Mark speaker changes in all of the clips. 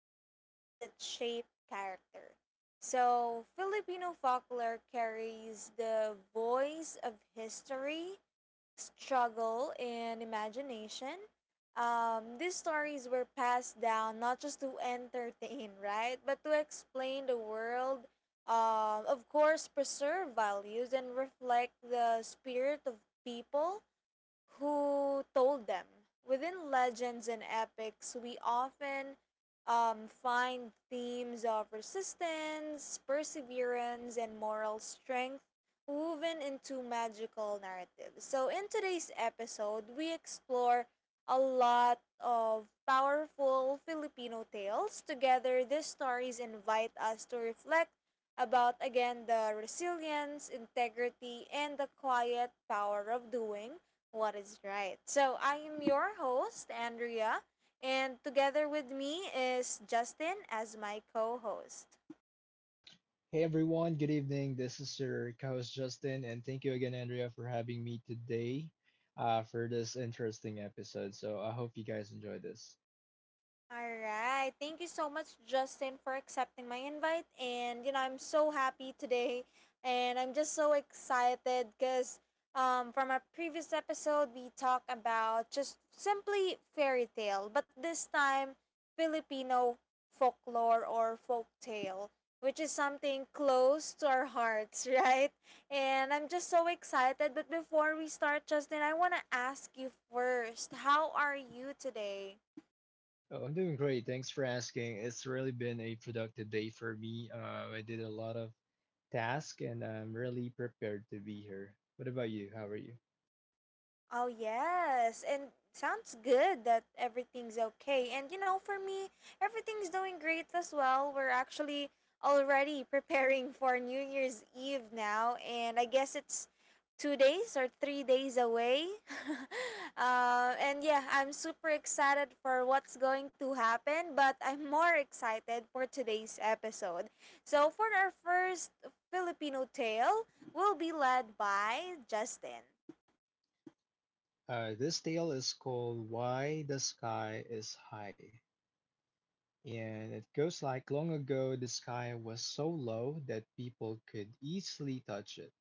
Speaker 1: legends that shape character. So, Filipino folklore carries the voice of history, struggle, and imagination. These stories were passed down not just to entertain, right, but to explain the world, of course, preserve values, and reflect the spirit of people who told them. Within legends and epics, we often find themes of resistance, perseverance, and moral strength woven into magical narratives. So, in today's episode, we explore a lot of powerful Filipino tales. Together, these stories invite us to reflect about again the resilience, integrity, and the quiet power of doing what is right. So I am your host, Andrea, and together with me is Justin as my co host.
Speaker 2: Hey everyone, good evening. This is your co-host Justin, and thank you again, Andrea, for having me today for this interesting episode. So I hope you guys enjoy this.
Speaker 1: All right. Thank you so much, Justin, for accepting my invite. And, you know, I'm so happy today. And I'm just so excited because from our previous episode, we talked about just simply fairy tale, but this time, Filipino folklore or folk tale, which is something close to our hearts, right? And I'm just so excited. But before we start, Justin, I want to ask you first, how are you today?
Speaker 2: Oh, I'm doing great. Thanks for asking. It's really been a productive day for me. I did a lot of tasks, and I'm really prepared to be here. What about you? How are you?
Speaker 1: Oh, yes. And sounds good that everything's okay. And you know, for me, everything's doing great as well. We're actually already preparing for New Year's Eve now. And I guess it's 2 days or 3 days away. And yeah, I'm super excited for what's going to happen, but I'm more excited for today's episode. So, for our first Filipino tale, we'll be led by Justin.
Speaker 2: This tale is called Why the Sky is High. And it goes like long ago, the sky was so low that people could easily touch it.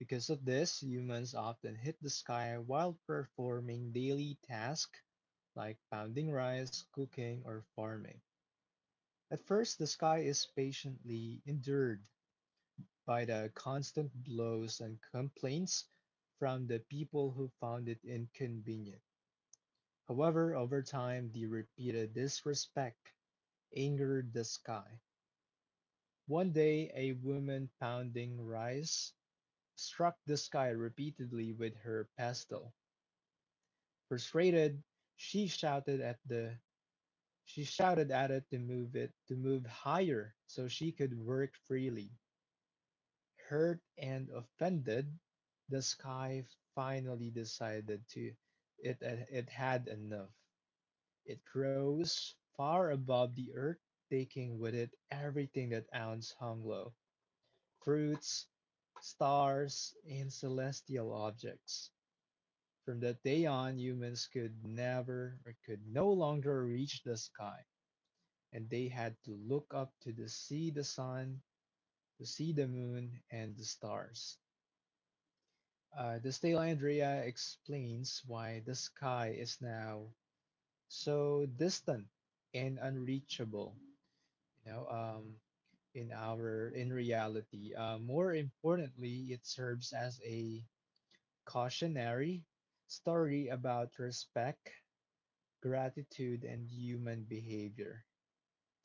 Speaker 2: Because of this, humans often hit the sky while performing daily tasks like pounding rice, cooking, or farming. At first, the sky is patiently endured by the constant blows and complaints from the people who found it inconvenient. However, over time, the repeated disrespect angered the sky. One day, a woman pounding rice struck the sky repeatedly with her pestle. Frustrated, she shouted at the she shouted at it to move higher so she could work freely. Hurt and offended, the sky finally decided to it had enough. It rose far above the earth, taking with it everything that ounce hung low, fruits, stars, and celestial objects. From that day on, humans could never or could no longer reach the sky, and they had to look up to the see the sun, to see the moon, and the stars. The tale, Andrea, explains why the sky is now so distant and unreachable. You know, um, in reality. More importantly, it serves as a cautionary story about respect, gratitude, and human behavior.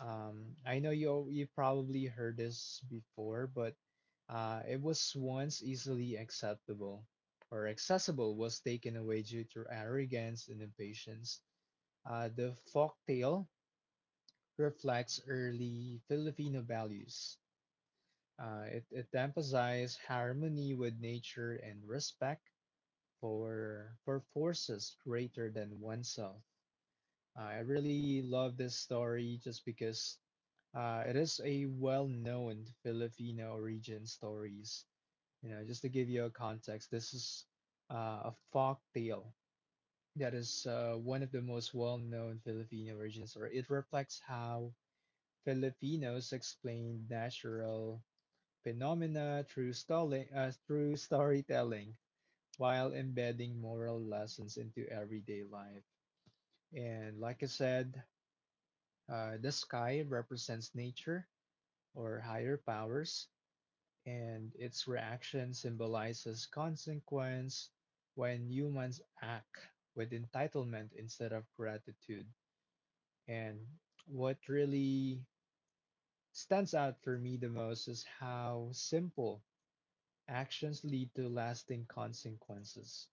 Speaker 2: I know you probably heard this before, but it was once easily acceptable or accessible was taken away due to arrogance and impatience. The folktale reflects early Filipino values. It emphasizes harmony with nature and respect for forces greater than oneself. I really love this story just because it is a well-known Filipino origin stories. You know, just to give you a context, this is a folk tale that is one of the most well-known Filipino origins, or it reflects how Filipinos explain natural phenomena through story, through storytelling while embedding moral lessons into everyday life. And like I said, the sky represents nature or higher powers, and its reaction symbolizes consequence when humans act with entitlement instead of gratitude. And what really stands out for me the most is how simple actions lead to lasting consequences,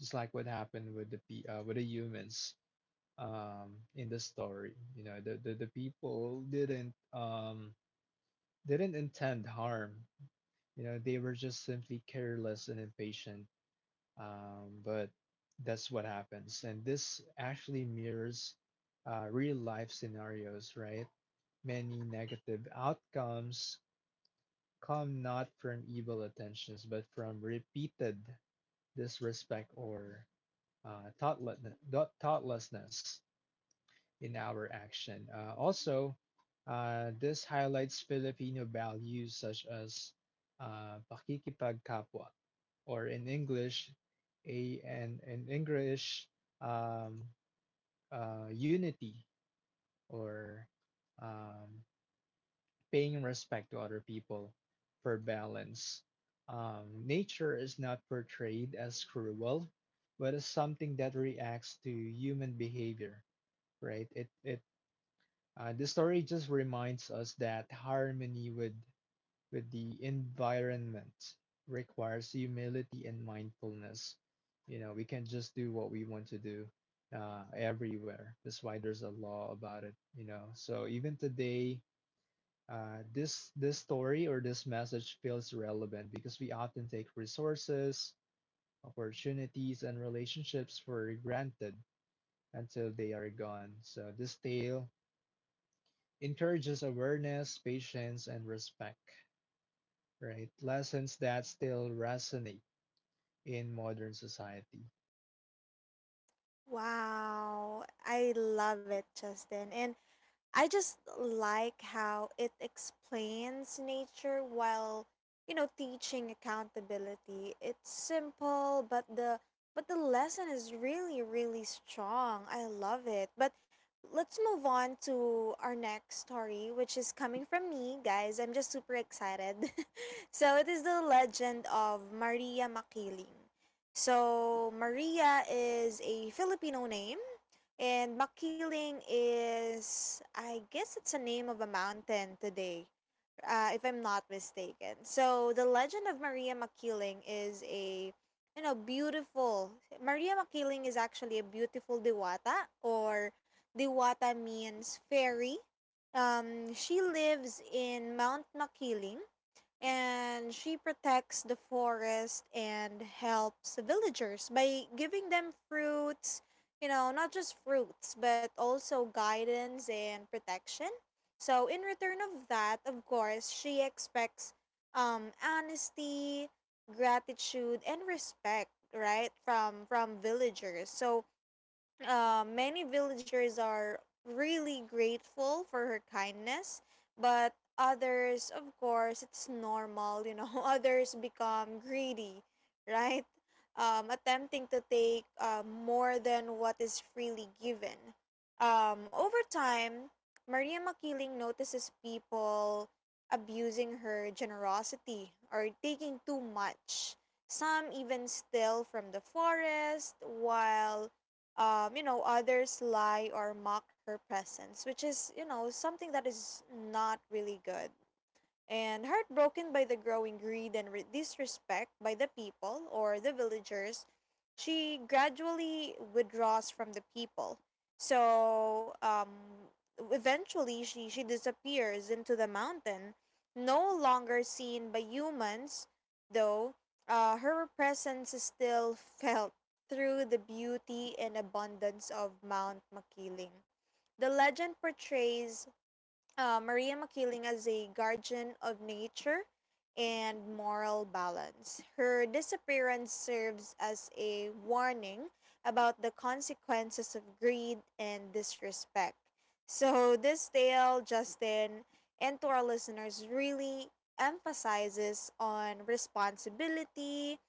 Speaker 2: just like what happened with the with the humans in the story. You know, the people didn't they didn't intend harm. You know, they were just simply careless and impatient. But that's what happens. And this actually mirrors real life scenarios, right? Many negative outcomes come not from evil intentions, but from repeated disrespect or uh, thoughtlessness. thoughtlessness in our action. Also, this highlights Filipino values such as pakikipagkapwa, or in English, a and in English, um, unity or um, paying respect to other people for balance. Nature is not portrayed as cruel, but as something that reacts to human behavior, right? It The story just reminds us that harmony with the environment requires humility and mindfulness. You know, we can't just do what we want to do everywhere. That's why there's a law about it, you know. So even today, this story or this message feels relevant because we often take resources, opportunities, and relationships for granted until they are gone. So this tale encourages awareness, patience, and respect, right? Lessons that still resonate in modern society.
Speaker 1: Wow, I love it, Justin. And I just like how it explains nature while, you know, teaching accountability. It's simple, but the lesson is really really strong. I love it. But let's move on to our next story, which is coming from me, guys. I'm just super excited. So it is the legend of Maria Makiling. So Maria is a Filipino name and Makiling is, I guess, it's a name of a mountain today, if I'm not mistaken. So the legend of Maria Makiling is a, you know, beautiful. Maria Makiling is actually a beautiful diwata, or diwata means fairy. She lives in Mount Makiling, and she protects the forest and helps the villagers by giving them fruits, you know, not just fruits, but also guidance and protection. So in return of that, of course, she expects honesty, gratitude, and respect, right, from villagers. So many villagers are really grateful for her kindness, but others, of course, it's normal, you know, others become greedy, right? Attempting to take more than what is freely given. Over time, Maria Makiling notices people abusing her generosity or taking too much. Some even steal from the forest, while you know, others lie or mock her presence, which is, you know, something that is not really good. And heartbroken by the growing greed and disrespect by the people or the villagers, she gradually withdraws from the people. So eventually, she disappears into the mountain, no longer seen by humans, though her presence is still felt through the beauty and abundance of Mount Makiling. The legend portrays Maria Makiling as a guardian of nature and moral balance. Her disappearance serves as a warning about the consequences of greed and disrespect. So, this tale, Justin, and to our listeners, really emphasizes on responsibility,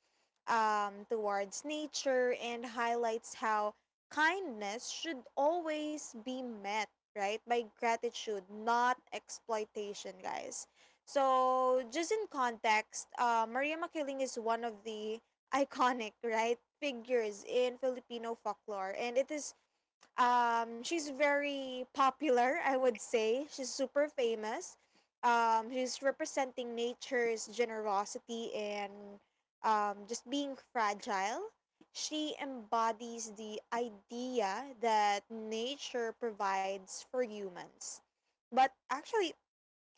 Speaker 1: towards nature, and highlights how kindness should always be met, right, by gratitude, not exploitation, guys. So, just in context, Maria Makiling is one of the iconic, right, figures in Filipino folklore, and it is she's very popular, I would say. She's super famous. She's representing nature's generosity and just being fragile. She embodies the idea that nature provides for humans. But actually,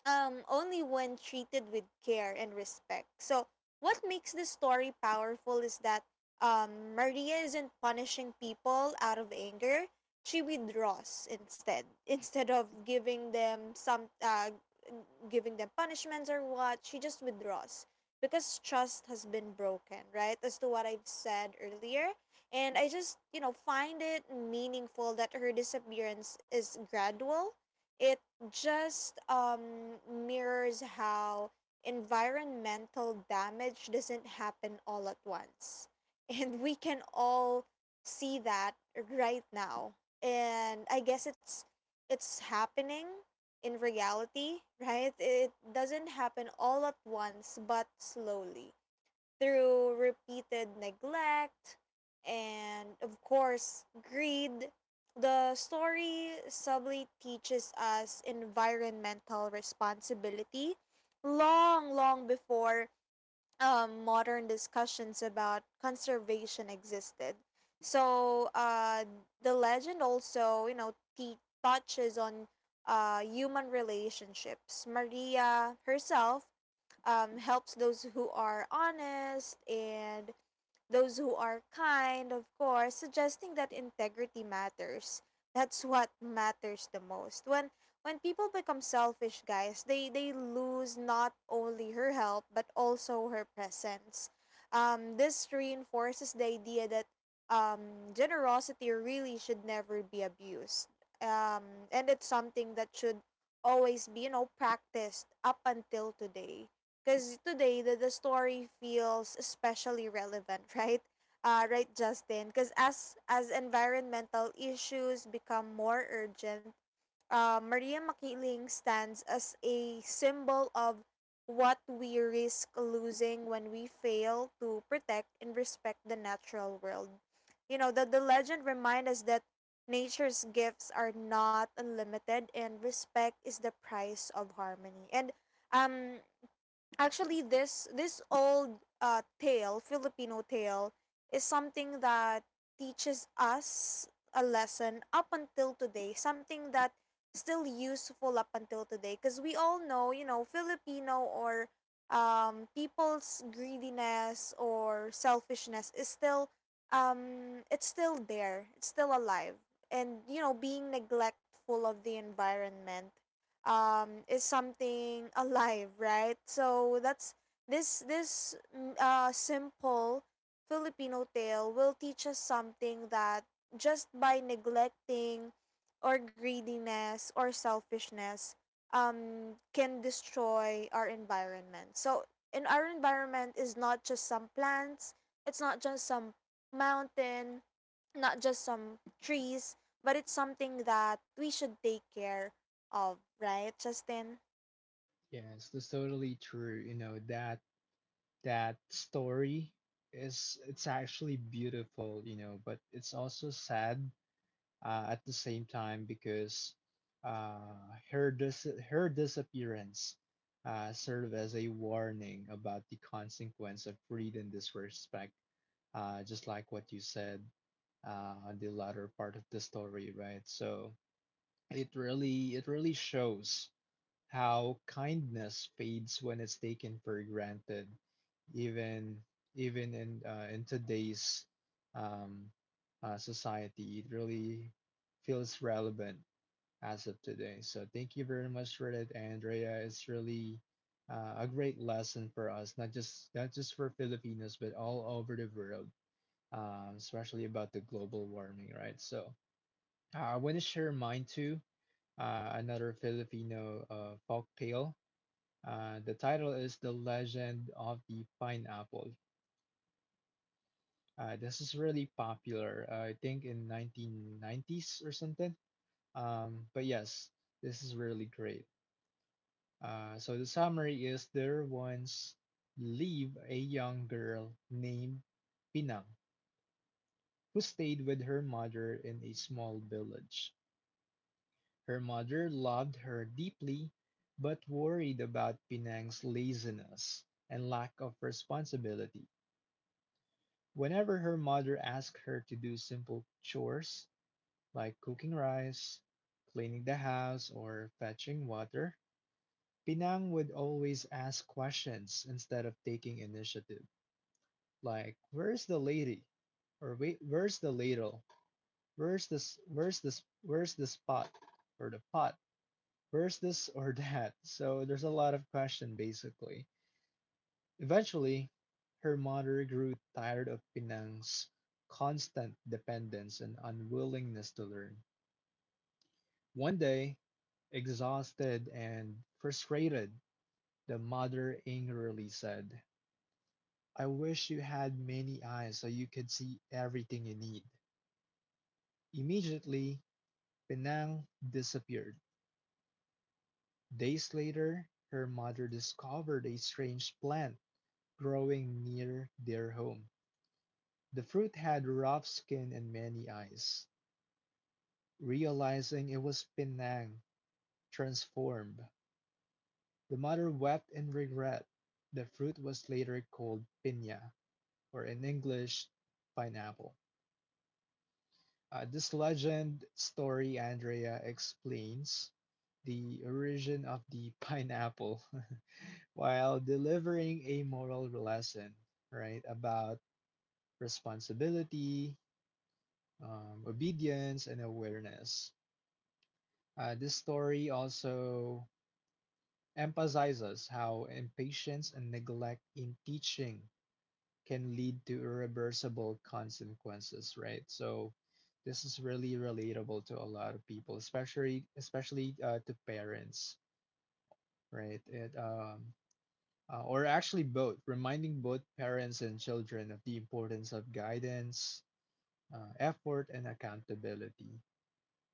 Speaker 1: only when treated with care and respect. So, what makes this story powerful is that Maria isn't punishing people out of anger. She withdraws instead, instead of giving them some, giving them punishments or what. She just withdraws because trust has been broken, right? As to what I've said earlier, and I just, you know, find it meaningful that her disappearance is gradual. It just mirrors how environmental damage doesn't happen all at once. And we can all see that right now. And I guess it's happening in reality, right? It doesn't happen all at once, but slowly, through repeated neglect and, of course, greed. The story subtly teaches us environmental responsibility long, long before modern discussions about conservation existed. So the legend also, you know, touches on human relationships. Maria herself helps those who are honest and those who are kind, of course, suggesting that integrity matters. That's what matters the most. When people become selfish, guys, they lose not only her help, but also her presence. This reinforces the idea that generosity really should never be abused. And it's something that should always be, you know, practiced up until today, because today the story feels especially relevant, right, right Justin, because as environmental issues become more urgent, Maria Makiling stands as a symbol of what we risk losing when we fail to protect and respect the natural world. You know, the legend reminds us that nature's gifts are not unlimited, and respect is the price of harmony. And um actually, this old tale Filipino tale is something that teaches us a lesson up until today, something that still useful up until today, because we all know, you know, Filipino, or people's greediness or selfishness is still, it's still there, it's still alive. And you know, being neglectful of the environment is something alive, right? So that's— this simple Filipino tale will teach us something, that just by neglecting, or greediness or selfishness, can destroy our environment. So, and our environment is not just some plants, it's not just some mountain, not just some trees, but it's something that we should take care of, right, Justin?
Speaker 2: Yes, that's totally true. You know, that story is it's actually beautiful, you know, but it's also sad at the same time because her disappearance served as a warning about the consequence of greed and disrespect, just like what you said on the latter part of the story, right? So it really shows how kindness fades when it's taken for granted, even in today's um, society. It really feels relevant as of today. So thank you very much for that, Andrea. It's really a great lesson for us, not just for Filipinos, but all over the world, especially about the global warming, right? So I want to share mine too. Another Filipino folk tale, the title is The Legend of the Pineapple. This is really popular, I think in 1990s or something. But yes, this is really great. So the summary is there once lived a young girl named Pinang who stayed with her mother in a small village. Her mother loved her deeply but worried about Pinang's laziness and lack of responsibility. Whenever her mother asked her to do simple chores like cooking rice, cleaning the house, or fetching water, Pinang would always ask questions instead of taking initiative, like "Where's the lady?" or "Wait, where's the ladle? Where's this? Where's this? Where's this pot or the pot? Where's this or that?" So there's a lot of question basically. Eventually, her mother grew tired of Penang's constant dependence and unwillingness to learn. One day, exhausted and frustrated, the mother angrily said, "I wish you had many eyes so you could see everything you need." Immediately, Penang disappeared. Days later, her mother discovered a strange plant growing near their home. The fruit had rough skin and many eyes. Realizing it was Penang transformed, the mother wept in regret. The fruit was later called piña, or in English, pineapple. This legend story, Andrea, explains the origin of the pineapple while delivering a moral lesson, right, about responsibility, obedience, and awareness. This story also emphasizes how impatience and neglect in teaching can lead to irreversible consequences, right? So this is really relatable to a lot of people, especially to parents, right? It Or actually both, reminding both parents and children of the importance of guidance, effort, and accountability.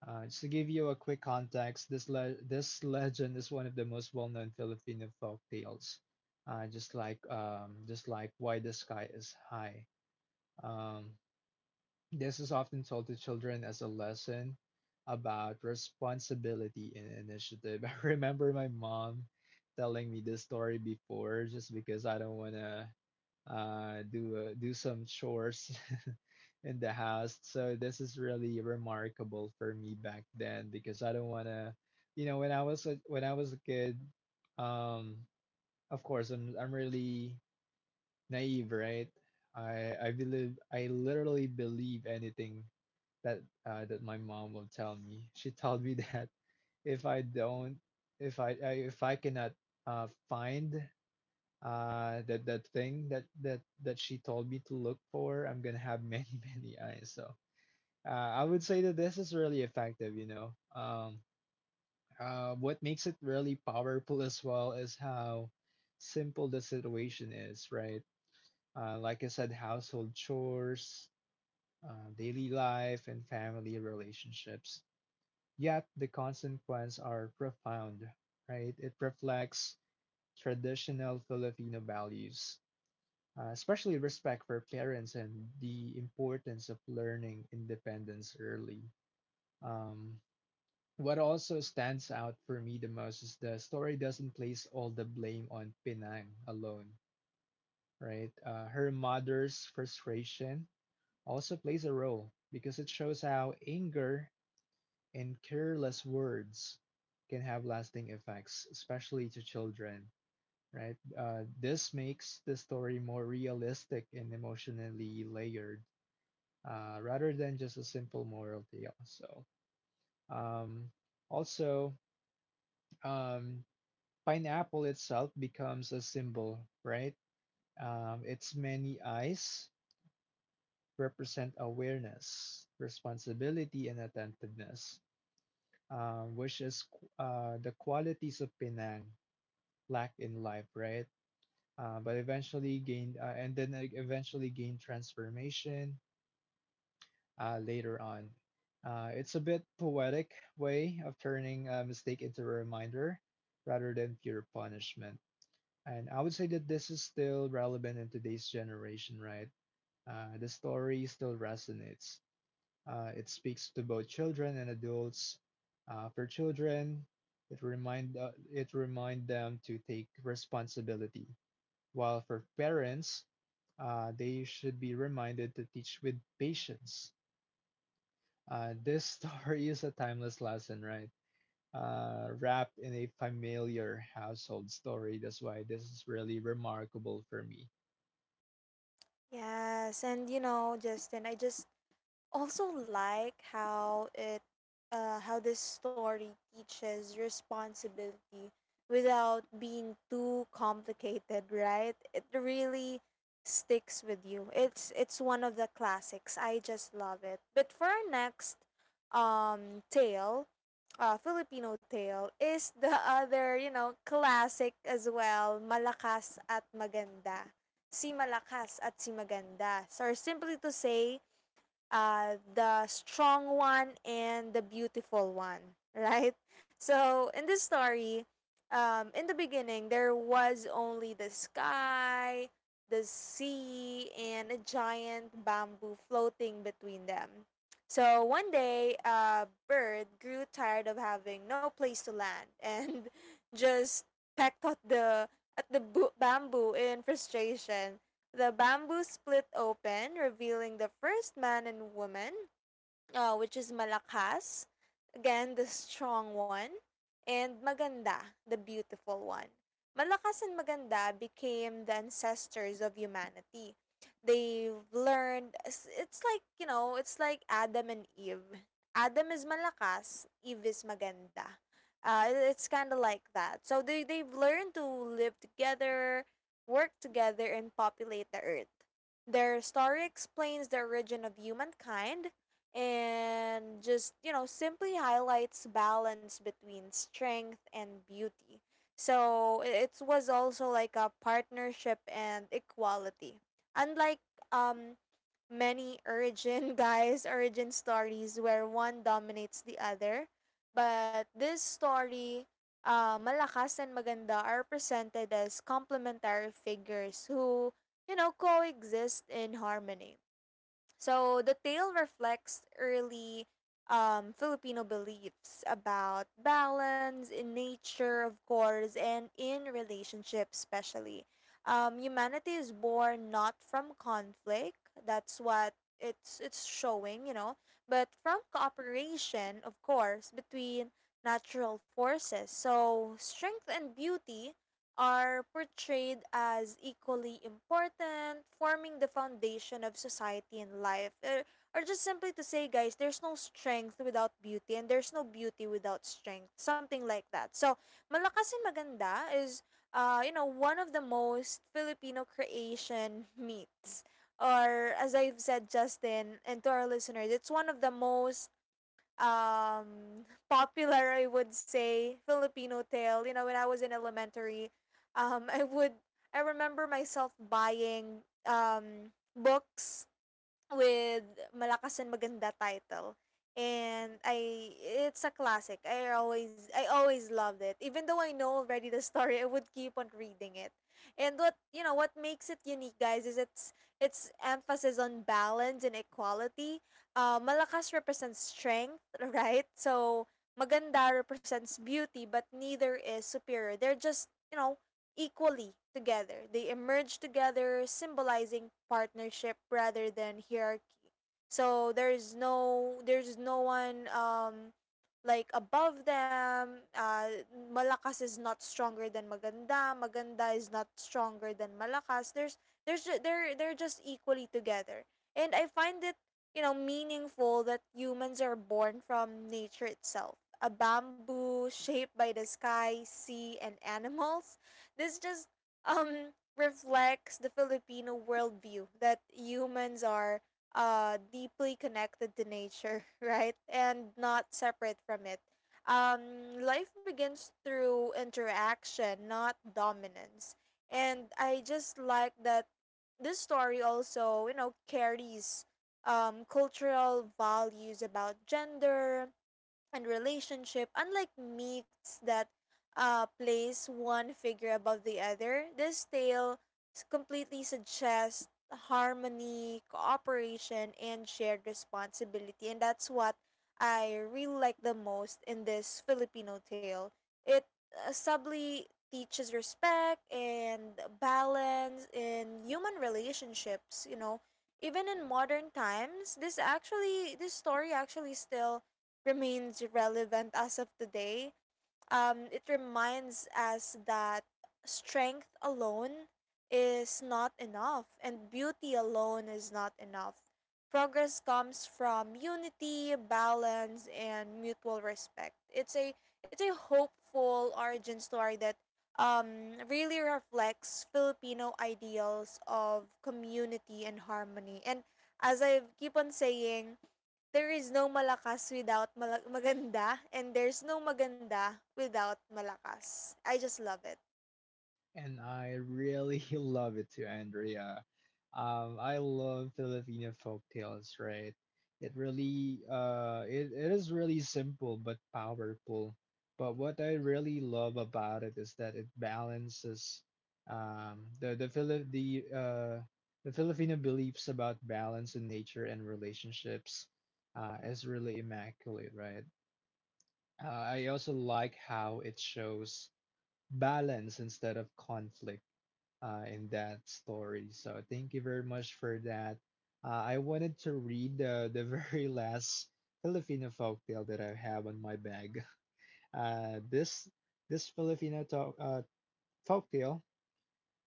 Speaker 2: Just to give you a quick context, this legend is one of the most well-known Filipino folk tales. Just like why the sky is high. Um, this is often told to children as a lesson about responsibility and initiative. I remember my mom telling me this story before, just because I don't wanna do some chores in the house. So this is really remarkable for me back then because I don't want to, you know, when I was a kid, um, of course I'm really naive, right? I literally believe anything that my mom will tell me. She told me that if I don't, if I, I if I cannot find that that thing that she told me to look for, I'm gonna have many many eyes. So I would say that this is really effective, you know. What makes it really powerful as well is how simple the situation is, right? Like I said, household chores, daily life, and family relationships, yet the consequences are profound, right? It reflects traditional Filipino values, especially respect for parents and the importance of learning independence early. Um, what also stands out for me the most is the story doesn't place all the blame on Penang alone, right? Her mother's frustration also plays a role because it shows how anger and careless words can have lasting effects, especially to children, right? This makes the story more realistic and emotionally layered, rather than just a simple moral morality. So, um, also um, pineapple itself becomes a symbol, right? Its many eyes represent awareness, responsibility, and attentiveness, which is the qualities of Penang lack in life, right? But eventually gained, and then Eventually gained transformation later on. It's a bit poetic way of turning a mistake into a reminder rather than pure punishment. And I would say that this is still relevant in today's generation, right? The story still resonates. It speaks to both children and adults. For children, it remind them to take responsibility. While for parents, they should be reminded to teach with patience. This story is a timeless lesson, right? Wrapped in a familiar household story. That's why this is really remarkable for me.
Speaker 1: Yes, and you know, Justin, I just also like how it how this story teaches responsibility without being too complicated, right. It really sticks with you. It's one of the classics. I just love it. But for our next tale Filipino tale is the other, you know, classic as well, Malakas at Maganda. Si Malakas at si Maganda. So, simply to say, the strong one and the beautiful one, right? So in this story, in the beginning, there was only the sky, the sea, and a giant bamboo floating between them. So one day, a bird grew tired of having no place to land and just pecked at the bamboo in frustration. The bamboo split open, revealing the first man and woman, which is Malakas. Again, the strong one. And Maganda, the beautiful one. Malakas and Maganda became the ancestors of humanity. They've learned— it's like, you know, it's like Adam and Eve. Adam is Malakas, Eve is Maganda. It's kind of like that. So they've learned to live together, work together, and populate the earth. Their story explains the origin of humankind and just, you know, simply highlights balance between strength and beauty. So it was also like a partnership and equality, unlike um many origin guys, origin stories where one dominates the other. But this story, Malakas and Maganda are presented as complementary figures who, you know, coexist in harmony. So the tale reflects early Filipino beliefs about balance in nature, of course, and in relationships, especially. Humanity is born not from conflict. That's what it's showing, you know, but from cooperation, of course, between natural forces. So strength and beauty are portrayed as equally important, forming the foundation of society and life. Or, just simply to say, guys, there's no strength without beauty, and there's no beauty without strength. Something like that. So, Malakas and Maganda is, you know, one of the most Filipino creation meets. Or, as I've said, Justin, and to our listeners, it's one of the most popular, I would say, Filipino tale. You know, when I was in elementary, um, I would I remember myself buying books with Malakas and Maganda title. And I it's a classic. I always loved it. Even though I know already the story, I would keep on reading it. And what you know what makes it unique, guys, is its emphasis on balance and equality. Malakas represents strength, right? So Maganda represents beauty, but neither is superior. They're just, you know, equally together. They emerge together, symbolizing partnership rather than hierarchy. So there's no one like above them. Malakas is not stronger than maganda. Maganda is not stronger than malakas. There's ju- they're just equally together. And I find it meaningful that humans are born from nature itself. A bamboo shaped by the sky, sea, and animals this just reflects the Filipino worldview that humans are deeply connected to nature, right? And not separate from it. Life begins through interaction, not dominance. And I just like that this story also, carries cultural values about gender, and relationship unlike myths that place one figure above the other. This tale completely suggests harmony, cooperation, and shared responsibility, and that's what I really like the most in this Filipino tale. It subtly teaches respect and balance in human relationships. You know, even in modern times, this story actually still remains relevant as of today. It reminds us that strength alone is not enough and beauty alone is not enough. Progress comes from unity, balance, and mutual respect. It's a hopeful origin story that really reflects Filipino ideals of community and harmony. And as I keep on saying, there is no malakas without maganda, and there's no maganda without malakas. I just love it.
Speaker 2: And I really love it too, Andrea. I love Filipino folk tales, right? It really, it is really simple but powerful. But what I really love about it is that it balances the the Filipino beliefs about balance in nature and relationships is really immaculate, right? I also like how it shows balance instead of conflict in that story. So thank you very much for that. I wanted to read the very last Filipino folktale that I have on my bag. Uh, this this folktale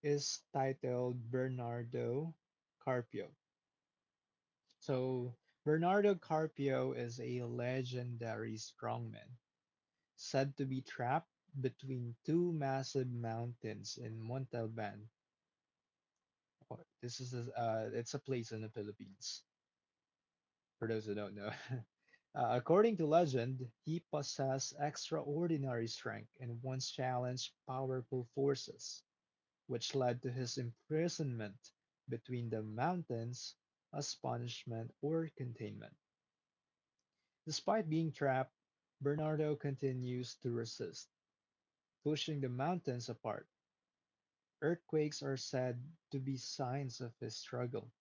Speaker 2: is titled Bernardo Carpio. So Bernardo Carpio is a legendary strongman said to be trapped between two massive mountains in Montalban. This is a place in the Philippines, for those who don't know. According to legend, he possessed extraordinary strength and once challenged powerful forces, which led to his imprisonment between the mountains as punishment or containment. Despite being trapped, Bernardo continues to resist, pushing the mountains apart. Earthquakes are said to be signs of his struggle.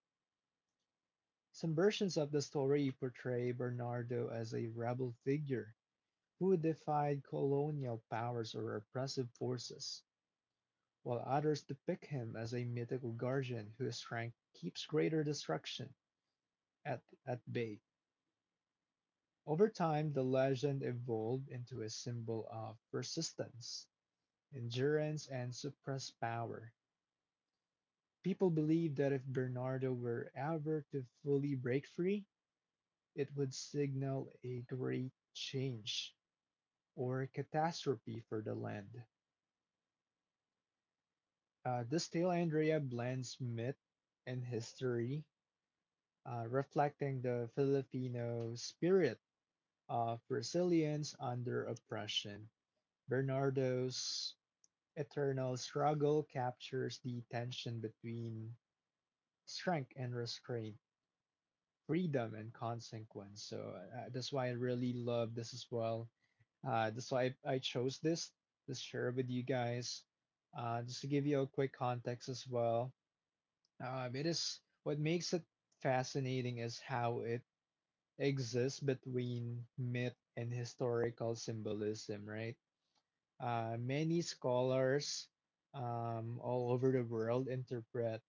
Speaker 2: Some versions of the story portray Bernardo as a rebel figure who defied colonial powers or oppressive forces, while others depict him as a mythical guardian whose strength keeps greater destruction at bay. Over time, the legend evolved into a symbol of persistence, endurance, and suppressed power. People believed that if Bernardo were ever to fully break free, it would signal a great change or catastrophe for the land. This tale, Andrea, blends myth and history, reflecting the Filipino spirit of resilience under oppression. Bernardo's eternal struggle captures the tension between strength and restraint, freedom and consequence. So that's why I really love this as well. That's why I chose this to share with you guys. Just to give you a quick context as well. It is what makes it fascinating is how it exists between myth and historical symbolism, right? Many scholars all over the world interpret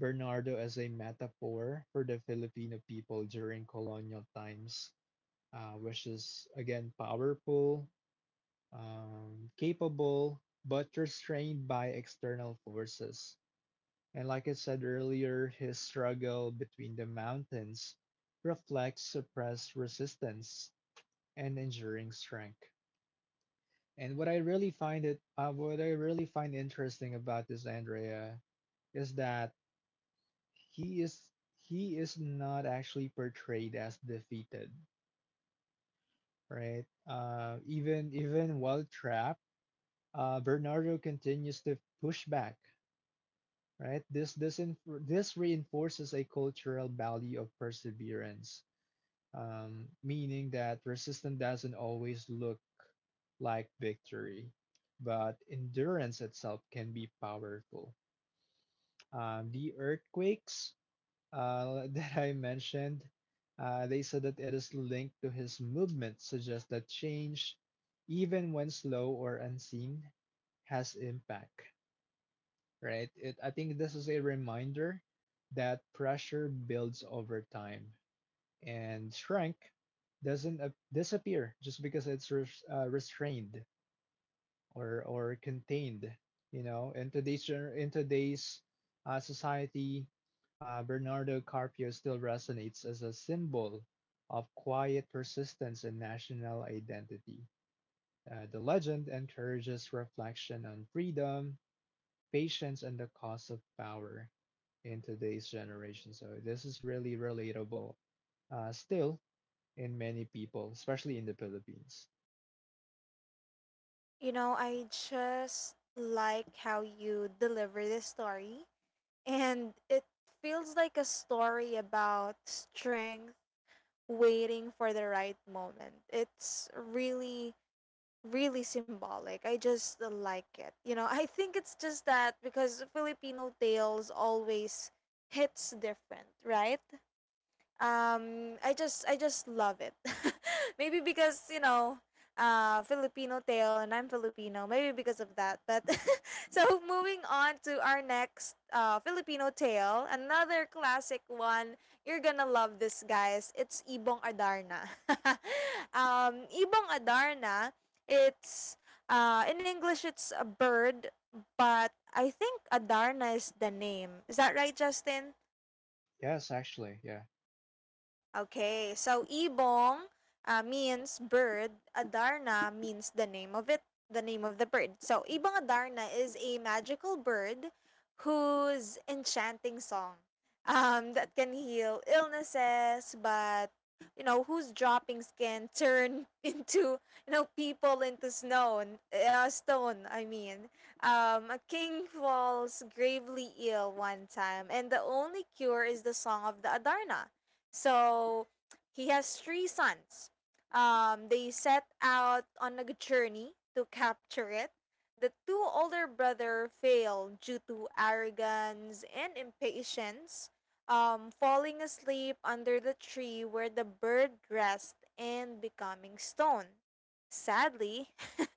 Speaker 2: Bernardo as a metaphor for the Filipino people during colonial times, which is again powerful, capable but restrained by external forces. And like I said earlier, his struggle between the mountains reflects suppressed resistance and enduring strength. And what I really find interesting about this, Andrea, is that he is not actually portrayed as defeated, right? Even while trapped, Bernardo continues to push back, right? This reinforces a cultural value of perseverance, meaning that resistance doesn't always look like victory, but endurance itself can be powerful. The earthquakes that I mentioned, they said that it is linked to his movement, suggests that change, even when slow or unseen, has impact, right? I think this is a reminder that pressure builds over time, and shrink doesn't disappear just because it's restrained or contained. You know, in today's society, Bernardo Carpio still resonates as a symbol of quiet persistence and national identity. The legend encourages reflection on freedom, patience, and the cost of power in today's generation. So this is really relatable, still, in many people, especially in the Philippines.
Speaker 1: You know, I just like how you deliver the story, and it feels like a story about strength waiting for the right moment. It's really really symbolic. I just like it. You know, I think it's just that because Filipino tales always hits different, right? I just love it. Maybe because you know Filipino tale and I'm Filipino, maybe because of that. But so moving on to our next Filipino tale, another classic one. You're gonna love this guys, it's ibong adarna. Ibong adarna, it's in English it's a bird, but I think adarna is the name. Is that right, Justin?
Speaker 2: Yes, actually, yeah.
Speaker 1: Okay, so ibong means bird, adarna means the name of it, the name of the bird. So ibong adarna is a magical bird whose enchanting song that can heal illnesses, but you know whose droppings can turn into you know people into stone. Stone, I mean. A king falls gravely ill one time, and the only cure is the song of the adarna, so he has three sons. They set out on a journey to capture it. The two older brother failed due to arrogance and impatience, falling asleep under the tree where the bird rests and becoming stone. Sadly,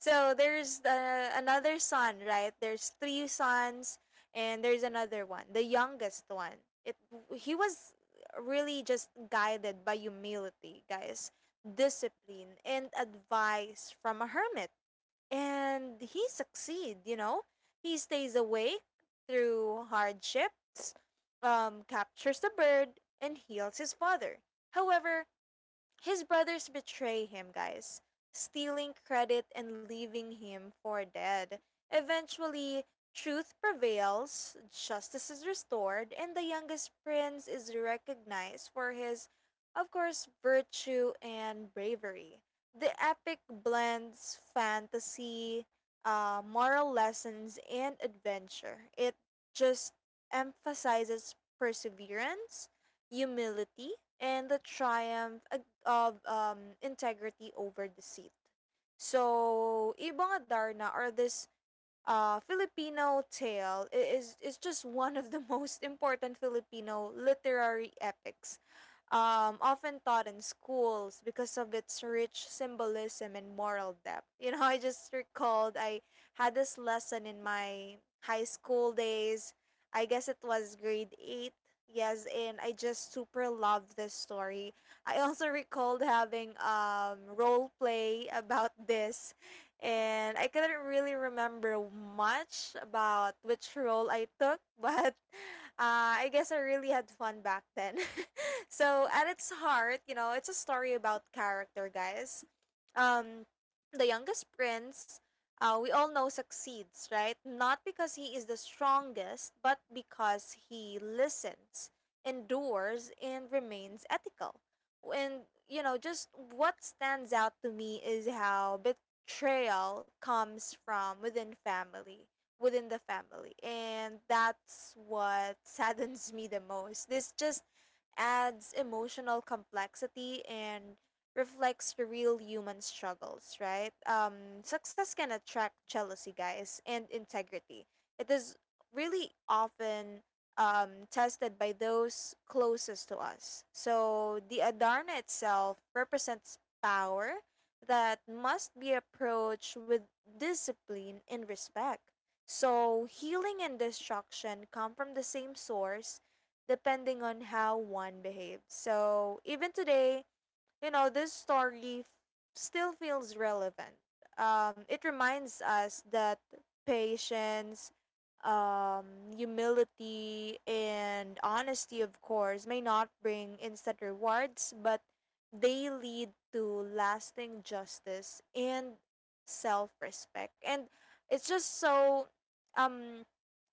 Speaker 1: so there's another son, right? There's three sons, and there's another one, the youngest one. It He was really just guided by humility, guys, discipline, and advice from a hermit. And he succeed, you know. He stays awake through hardships, captures the bird, and heals his father. However, his brothers betray him, guys, stealing credit and leaving him for dead. Eventually, truth prevails, justice is restored, and the youngest prince is recognized for his, of course, virtue and bravery. The epic blends fantasy, moral lessons, and adventure. It just emphasizes perseverance, humility, and the triumph of integrity over deceit. So, ibang adarna are this Filipino tale is just one of the most important Filipino literary epics, often taught in schools because of its rich symbolism and moral depth. You know, I just recalled I had this lesson in my high school days. I guess it was grade eight. Yes, and I just super loved this story. I also recalled having role play about this, and I couldn't really remember much about which role I took, but I guess I really had fun back then. So at its heart, you know, it's a story about character, guys. Um, the youngest prince, we all know succeeds, right? Not because he is the strongest, but because he listens, endures, and remains ethical. And you know, just what stands out to me is how Bit betrayal comes within the family. And that's what saddens me the most. This just adds emotional complexity and reflects the real human struggles, right? Success can attract jealousy, guys, and integrity. It is really often tested by those closest to us. So the Adarna itself represents power that must be approached with discipline and respect. So, healing and destruction come from the same source depending on how one behaves. So, even today, you know, this story still feels relevant. It reminds us that patience, humility, and honesty, of course, may not bring instant rewards, but they lead to lasting justice and self respect. And it's just so um,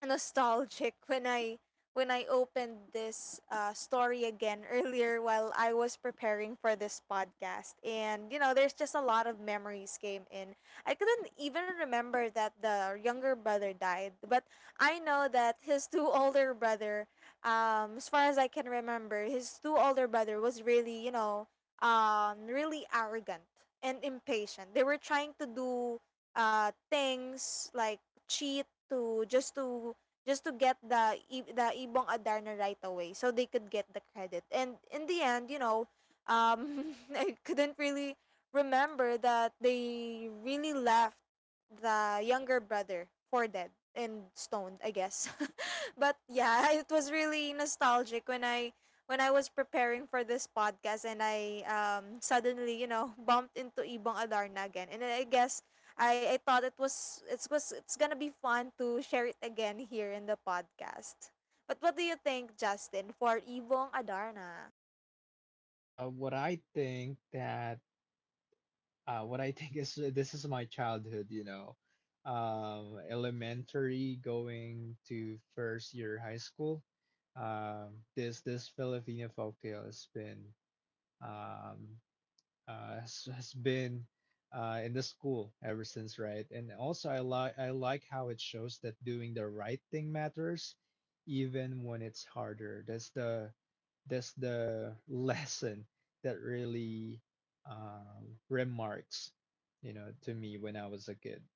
Speaker 1: nostalgic when I opened this story again earlier while I was preparing for this podcast. And, you know, there's just a lot of memories came in. I couldn't even remember that the younger brother died, but I know that his two older brother, as far as I can remember, his two older brother was really, you know, really arrogant and impatient. They were trying to do things like cheat, to just to just to get the the Ibong Adarna right away so they could get the credit. And in the end, you know, I couldn't really remember that they really left the younger brother for dead and stoned, I guess. But yeah, it was really nostalgic when I was preparing for this podcast and I suddenly, you know, bumped into Ibong Adarna again. And I guess I thought it was it's gonna be fun to share it again here in the podcast. But what do you think, Justin, for Ibong Adarna?
Speaker 2: Uh, what I think that what I think is, this is my childhood, you know, elementary going to first year high school. This Filipino folktale has been, um, has been in the school ever since, right? And also, I like how it shows that doing the right thing matters, even when it's harder. That's the lesson that really remarks, you know, to me when I was a kid.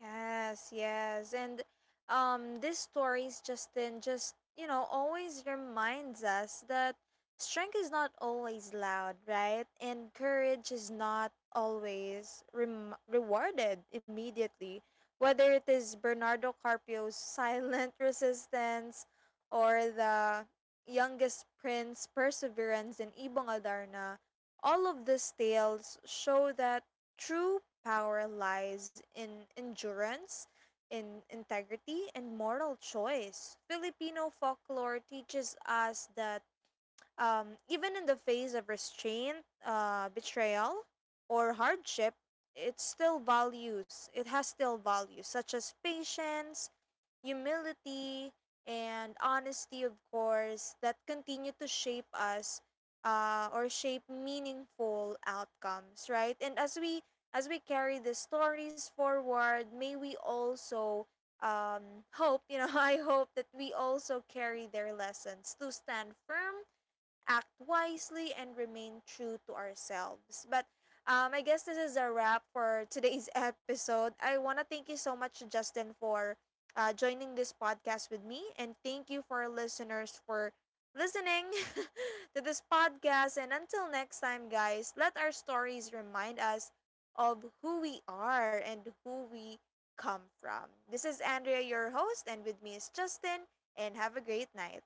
Speaker 1: Yes, yes. And these stories Justin just, you know, always reminds us that strength is not always loud, right? And courage is not always rewarded immediately. Whether it is Bernardo Carpio's silent resistance or the youngest prince perseverance in Ibong Adarna, all of these tales show that true power lies in endurance, in integrity, and moral choice. Filipino folklore teaches us that even in the face of restraint, betrayal, or hardship, it has still values such as patience, humility, and honesty, of course, that continue to shape us or shape meaningful outcomes, right? And as we carry the stories forward, may we also you know, I hope that we also carry their lessons to stand firm, act wisely, and remain true to ourselves. But I guess this is a wrap for today's episode. I want to thank you so much, Justin, for joining this podcast with me. And thank you for our listeners for listening to this podcast. And until next time, guys, let our stories remind us of who we are and who we come from. This is Andrea, your host, and with me is Justin. And have a great night.